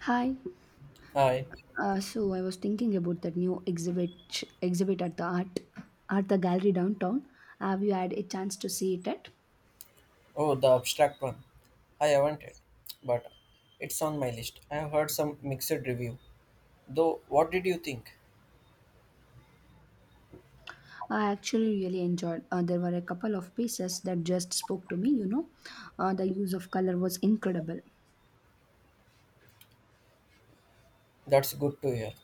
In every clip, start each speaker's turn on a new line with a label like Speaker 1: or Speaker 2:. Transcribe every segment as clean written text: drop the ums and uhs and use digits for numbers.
Speaker 1: Hi.
Speaker 2: Hi.
Speaker 1: So I was thinking about that new exhibit at the art the gallery downtown. Have you had a chance to see it yet?
Speaker 2: Oh, the abstract one. I haven't it, but it's on my list. I have heard some mixed review. Though, what did you think?
Speaker 1: I actually really enjoyed. There were a couple of pieces that just spoke to me. The use of color was incredible.
Speaker 2: That's good to hear.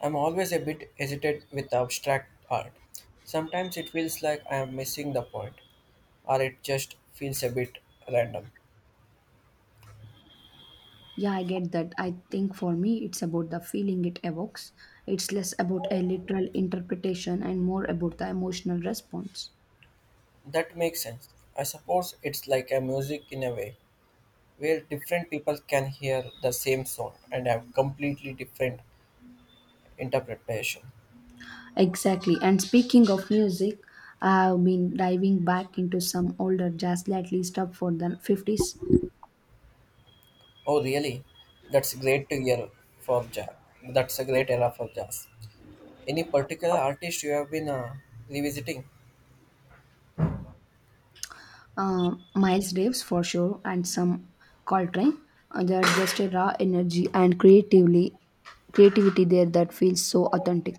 Speaker 2: I'm always a bit hesitant with abstract art. Sometimes it feels like I am missing the point, or it just feels a bit random.
Speaker 1: Yeah, I get that. I think for me, it's about the feeling it evokes. It's less about a literal interpretation and more about the emotional response.
Speaker 2: That makes sense. I suppose it's like a music in a way, where different people can hear the same song and have completely different interpretation.
Speaker 1: Exactly. And speaking of music, I've been diving back into some older jazz lately stuff for the 50s.
Speaker 2: Oh, really? That's great to hear for jazz. That's a great era for jazz. Any particular artist you have been revisiting?
Speaker 1: Miles Davis for sure, and some Coltrane. They're just a raw energy and creatively creativity there that feels so authentic.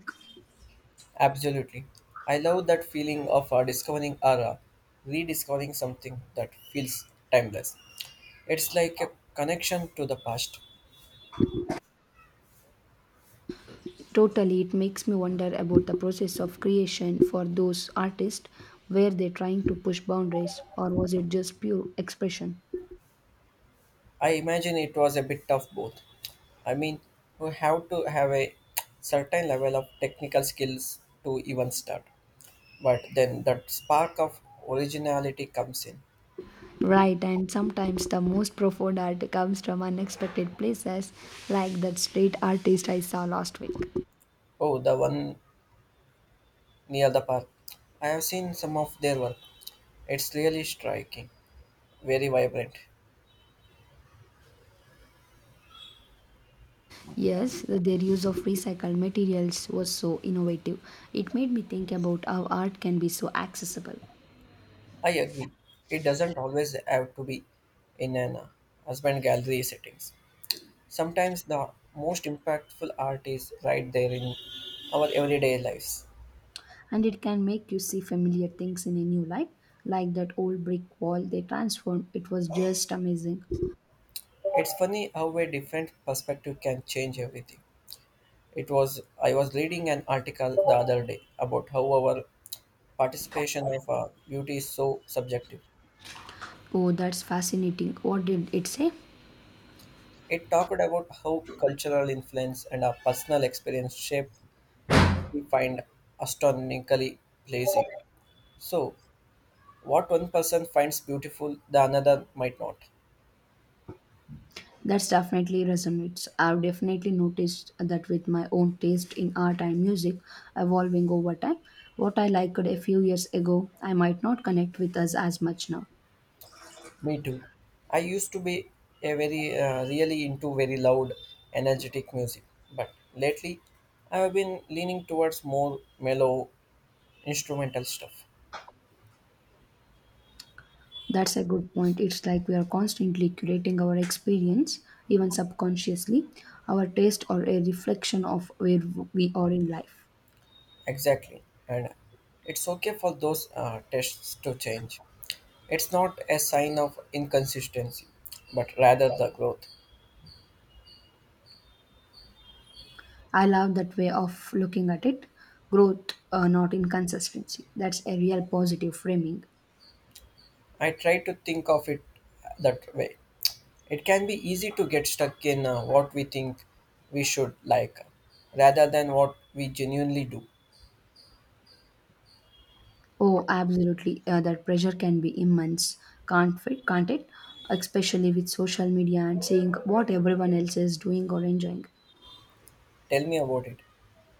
Speaker 2: Absolutely. I love that feeling of discovering or rediscovering something that feels timeless. It's like a connection to the past.
Speaker 1: Totally, it makes me wonder about the process of creation for those artists. Were they trying to push boundaries, or was it just pure expression?
Speaker 2: I imagine it was a bit of both. I mean, you have to have a certain level of technical skills to even start. But then that spark of originality comes in.
Speaker 1: Right, and sometimes the most profound art comes from unexpected places, like that street artist I saw last week.
Speaker 2: Oh, the one near the park. I have seen some of their work. It's really striking, very vibrant.
Speaker 1: Yes, their use of recycled materials was so innovative. It made me think about how art can be so accessible.
Speaker 2: I agree. It doesn't always have to be in an husband gallery settings. Sometimes the most impactful art is right there in our everyday lives.
Speaker 1: And it can make you see familiar things in a new light, like that old brick wall they transformed. It was just amazing.
Speaker 2: It's funny how a different perspective can change everything. It was I was reading an article the other day about how our participation of beauty is so subjective.
Speaker 1: Oh, that's fascinating. What did it say?
Speaker 2: It talked about how cultural influence and our personal experience shape what we find astronomically pleasing. So, what one person finds beautiful, the another might not.
Speaker 1: That's definitely resonates. I've definitely noticed that with my own taste in art and music evolving over time. What I liked a few years ago, I might not connect with us as much now.
Speaker 2: Me too. I used to be a very really into very loud, energetic music, but lately I have been leaning towards more mellow instrumental stuff.
Speaker 1: That's a good point. It's like we are constantly curating our experience, even subconsciously. Our taste are a reflection of where we are in life.
Speaker 2: Exactly. And it's okay for those tests to change. It's not a sign of inconsistency, but rather the growth.
Speaker 1: I love that way of looking at it. Growth, not inconsistency. That's a real positive framing.
Speaker 2: I try to think of it that way. It can be easy to get stuck in what we think we should like rather than what we genuinely do.
Speaker 1: Oh, absolutely. That pressure can be immense, can't it? Especially with social media and seeing what everyone else is doing or enjoying.
Speaker 2: Tell me about it.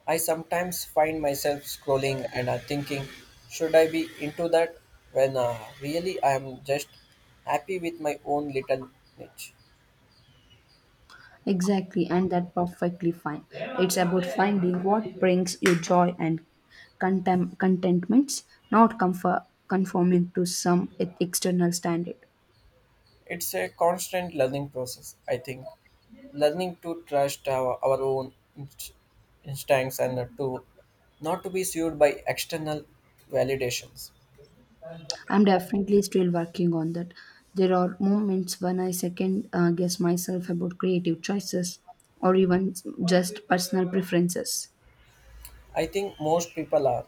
Speaker 2: I sometimes find myself scrolling and thinking, should I be into that? When really I am just happy with my own little niche.
Speaker 1: Exactly, and that's perfectly fine. It's about finding what brings you joy and contentments, not comfort, conforming to some external standard.
Speaker 2: It's a constant learning process, I think. Learning to trust our own instincts and to not to be sued by external validations.
Speaker 1: I'm definitely still working on that. There are moments when I second guess myself about creative choices or even just personal preferences.
Speaker 2: I think most people are.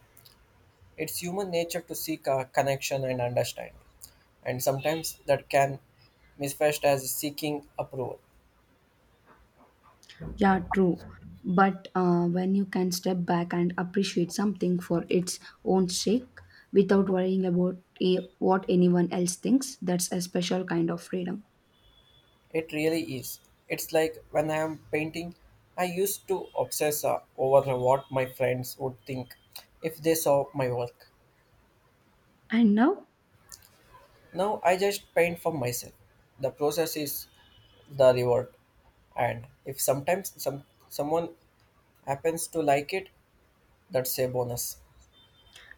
Speaker 2: It's human nature to seek a connection and understanding, and sometimes that can manifest as seeking approval.
Speaker 1: Yeah, true. But when you can step back and appreciate something for its own sake without worrying about what anyone else thinks, that's a special kind of freedom.
Speaker 2: It really is. It's like when I am painting, I used to obsess over what my friends would think if they saw my work.
Speaker 1: And now,
Speaker 2: Now I just paint for myself. The process is the reward. And if sometimes someone happens to like it, that's a bonus.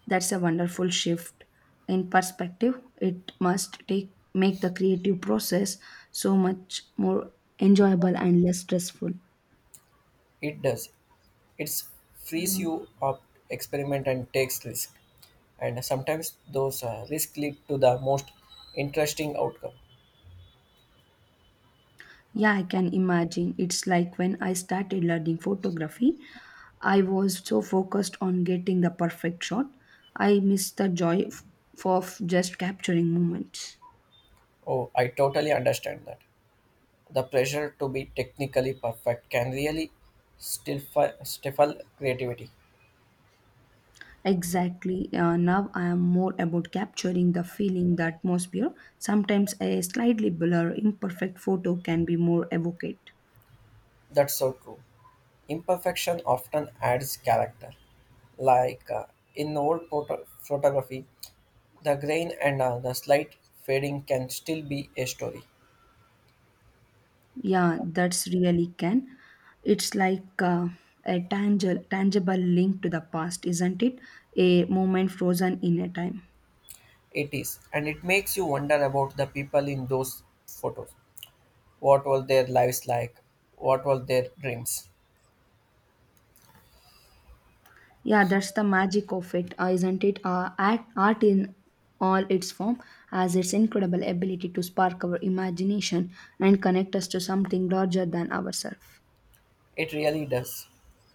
Speaker 1: that's a wonderful shift in perspective. It must take make the creative process so much more enjoyable and less stressful.
Speaker 2: It does. It frees you up, experiment and takes risk. And sometimes those risks lead to the most interesting outcome.
Speaker 1: Yeah, I can imagine. It's like when I started learning photography, I was so focused on getting the perfect shot, I missed the joy of just capturing moments.
Speaker 2: Oh, I totally understand that. The pressure to be technically perfect can really stifle creativity.
Speaker 1: Exactly. Now I am more about capturing the feeling, the atmosphere. Sometimes a slightly blur, imperfect photo can be more evocate.
Speaker 2: That's so true. Imperfection often adds character. Like in old photography, the grain and the slight fading can still be a story.
Speaker 1: Yeah, that's really can. It's like a tangible link to the past, isn't it? A moment frozen in a time.
Speaker 2: It is, and it makes you wonder about the people in those photos. What were their lives like? What were their dreams?
Speaker 1: Yeah, that's the magic of it, isn't it? Art, art in all its form has its incredible ability to spark our imagination and connect us to something larger than ourselves.
Speaker 2: It really does.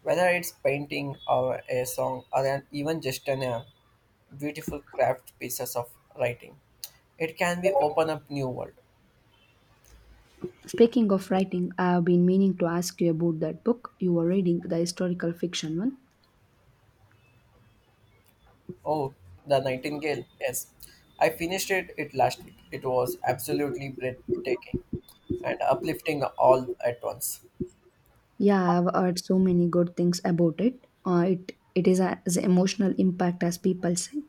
Speaker 2: Whether it's painting or a song or even just an beautiful craft pieces of writing, it can be open up new world.
Speaker 1: Speaking of writing, I have been meaning to ask you about that book you were reading, the historical fiction one.
Speaker 2: Oh, The Nightingale. Yes. I finished it last week. It was absolutely breathtaking and uplifting all at once.
Speaker 1: Yeah, I've heard so many good things about it. It is as emotional impact as people say.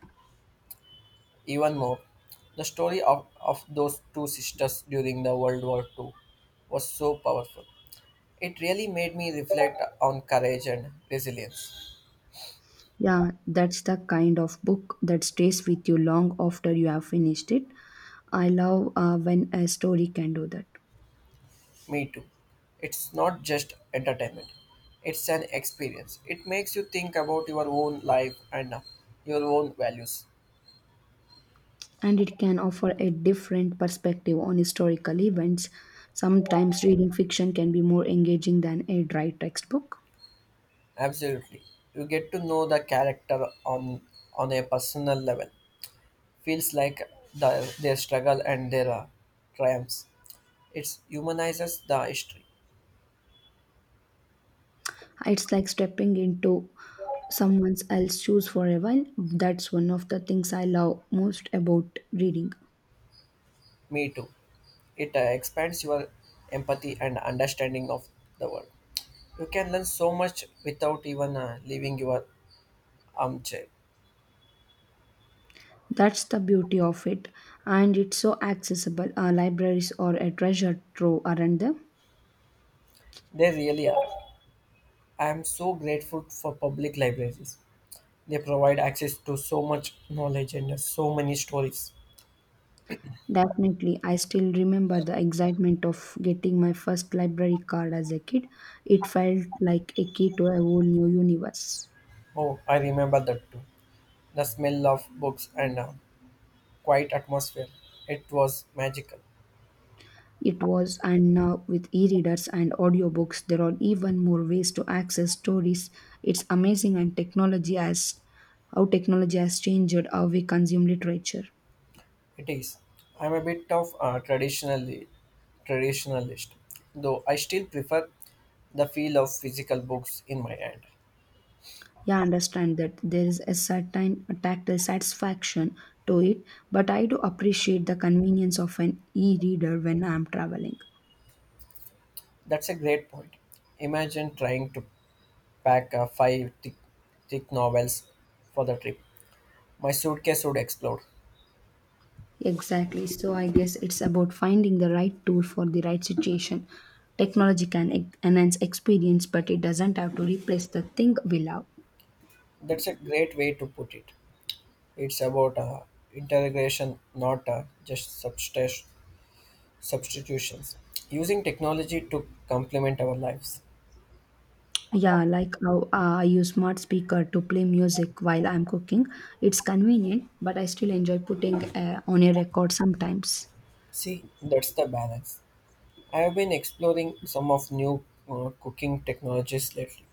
Speaker 2: Even more, the story of those 2 sisters during the World War II was so powerful. It really made me reflect on courage and resilience.
Speaker 1: Yeah, that's the kind of book that stays with you long after you have finished it. I love when a story can do that.
Speaker 2: Me too. It's not just entertainment, it's an experience. It makes you think about your own life and your own values.
Speaker 1: And it can offer a different perspective on historical events. Sometimes reading fiction can be more engaging than a dry textbook.
Speaker 2: Absolutely. You get to know the character on a personal level. Feels like the, their struggle and their triumphs. It humanizes the history.
Speaker 1: It's like stepping into someone else's shoes for a while. That's one of the things I love most about reading.
Speaker 2: Me too. It expands your empathy and understanding of the world. You can learn so much without even leaving your armchair.
Speaker 1: That's the beauty of it. And it's so accessible. Our libraries are a treasure trove, aren't they?
Speaker 2: They really are. I am so grateful for public libraries. They provide access to so much knowledge and so many stories.
Speaker 1: Definitely. I still remember the excitement of getting my first library card as a kid. It felt like a key to a whole new universe.
Speaker 2: Oh, I remember that too. The smell of books and a quiet atmosphere. It was magical.
Speaker 1: It was, and now with e readers and audiobooks, there are even more ways to access stories. It's amazing and technology has how technology has changed how we consume literature.
Speaker 2: It is. I'm a bit of a traditionally traditionalist, though I still prefer the feel of physical books in my hand.
Speaker 1: Yeah, I understand that there is a certain tactile satisfaction to it, but I do appreciate the convenience of an e reader when I am traveling.
Speaker 2: That's a great point. Imagine trying to pack five thick novels for the trip. My suitcase would explode.
Speaker 1: Exactly, so I guess it's about finding the right tool for the right situation. Technology can enhance experience, but it doesn't have to replace the thing we love.
Speaker 2: That's a great way to put it. It's about integration, not just substance. Substitutions, using technology to complement our lives.
Speaker 1: Yeah, like how I use smart speaker to play music while I'm cooking. It's convenient, but I still enjoy putting on a record sometimes.
Speaker 2: See, that's the balance. I have been exploring some of new cooking technologies lately,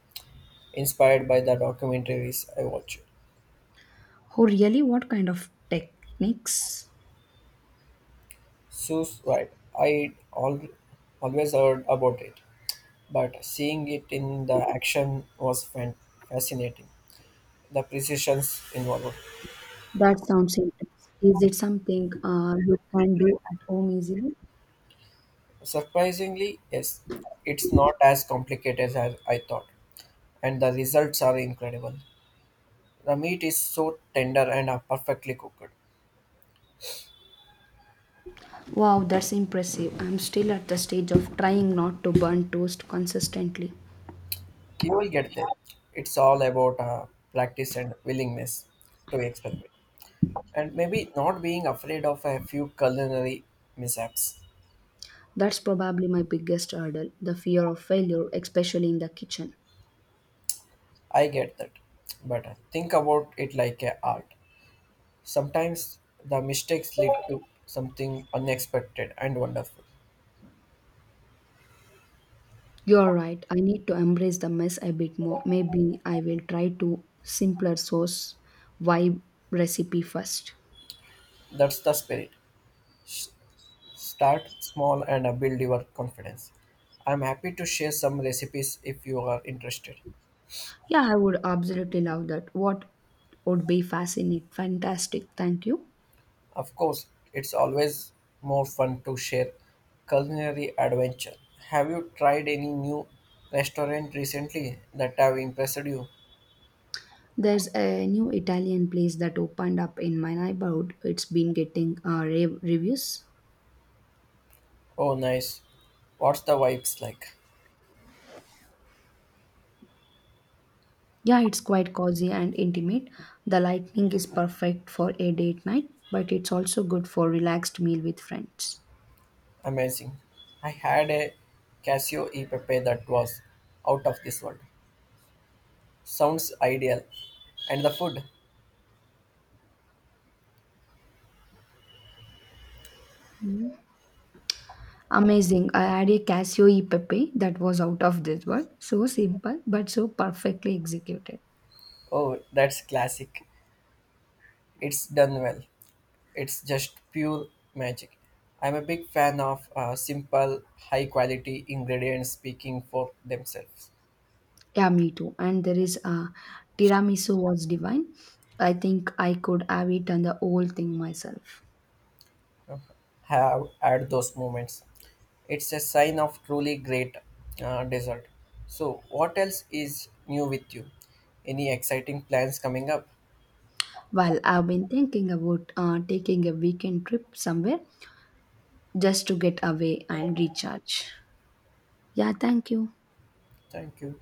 Speaker 2: inspired by the documentaries I watch.
Speaker 1: Oh, really? What kind of techniques?
Speaker 2: Sous vide. I all, always heard about it, but seeing it in the action was fascinating. The precisions involved.
Speaker 1: That sounds intense. Is it something you can do at home easily?
Speaker 2: Surprisingly, yes, it's not as complicated as I thought, and the results are incredible. The meat is so tender and perfectly cooked.
Speaker 1: Wow, that's impressive. I'm still at the stage of trying not to burn toast consistently.
Speaker 2: You will get there. It's all about practice and willingness to experiment, and maybe not being afraid of a few culinary mishaps.
Speaker 1: That's probably my biggest hurdle the fear of failure, especially in the kitchen.
Speaker 2: I get that, but think about it like a art. Sometimes the mistakes lead to something unexpected and wonderful.
Speaker 1: You're right. I need to embrace the mess a bit more. Maybe I will try to simpler sauce vibe recipe first.
Speaker 2: That's the spirit. S- Start small and build your confidence. I'm happy to share some recipes if you are interested.
Speaker 1: Yeah, I would absolutely love that. What would be fascinating? Fantastic, thank you.
Speaker 2: Of course, it's always more fun to share culinary adventure. Have you tried any new restaurant recently that have impressed you?
Speaker 1: There's a new Italian place that opened up in my neighborhood. It's been getting rave reviews.
Speaker 2: Oh, nice. What's the vibes like?
Speaker 1: Yeah, it's quite cozy and intimate. The lighting is perfect for a date night, but it's also good for relaxed meal with friends.
Speaker 2: Amazing. I had a Casio e Pepe that was out of this world. Sounds ideal. And the food?
Speaker 1: Amazing. I had a Casio e Pepe that was out of this world. So simple, but so perfectly executed.
Speaker 2: Oh, that's classic. It's done well. It's just pure magic. I'm a big fan of simple, high quality ingredients speaking for themselves.
Speaker 1: Yeah, me too. And there is tiramisu was divine. I think I could have eaten the whole thing myself.
Speaker 2: Uh, Have had those moments. It's a sign of truly great dessert. So, what else is new with you? Any exciting plans coming up?
Speaker 1: Well, I've been thinking about taking a weekend trip somewhere just to get away and recharge. Yeah, thank you.
Speaker 2: Thank you.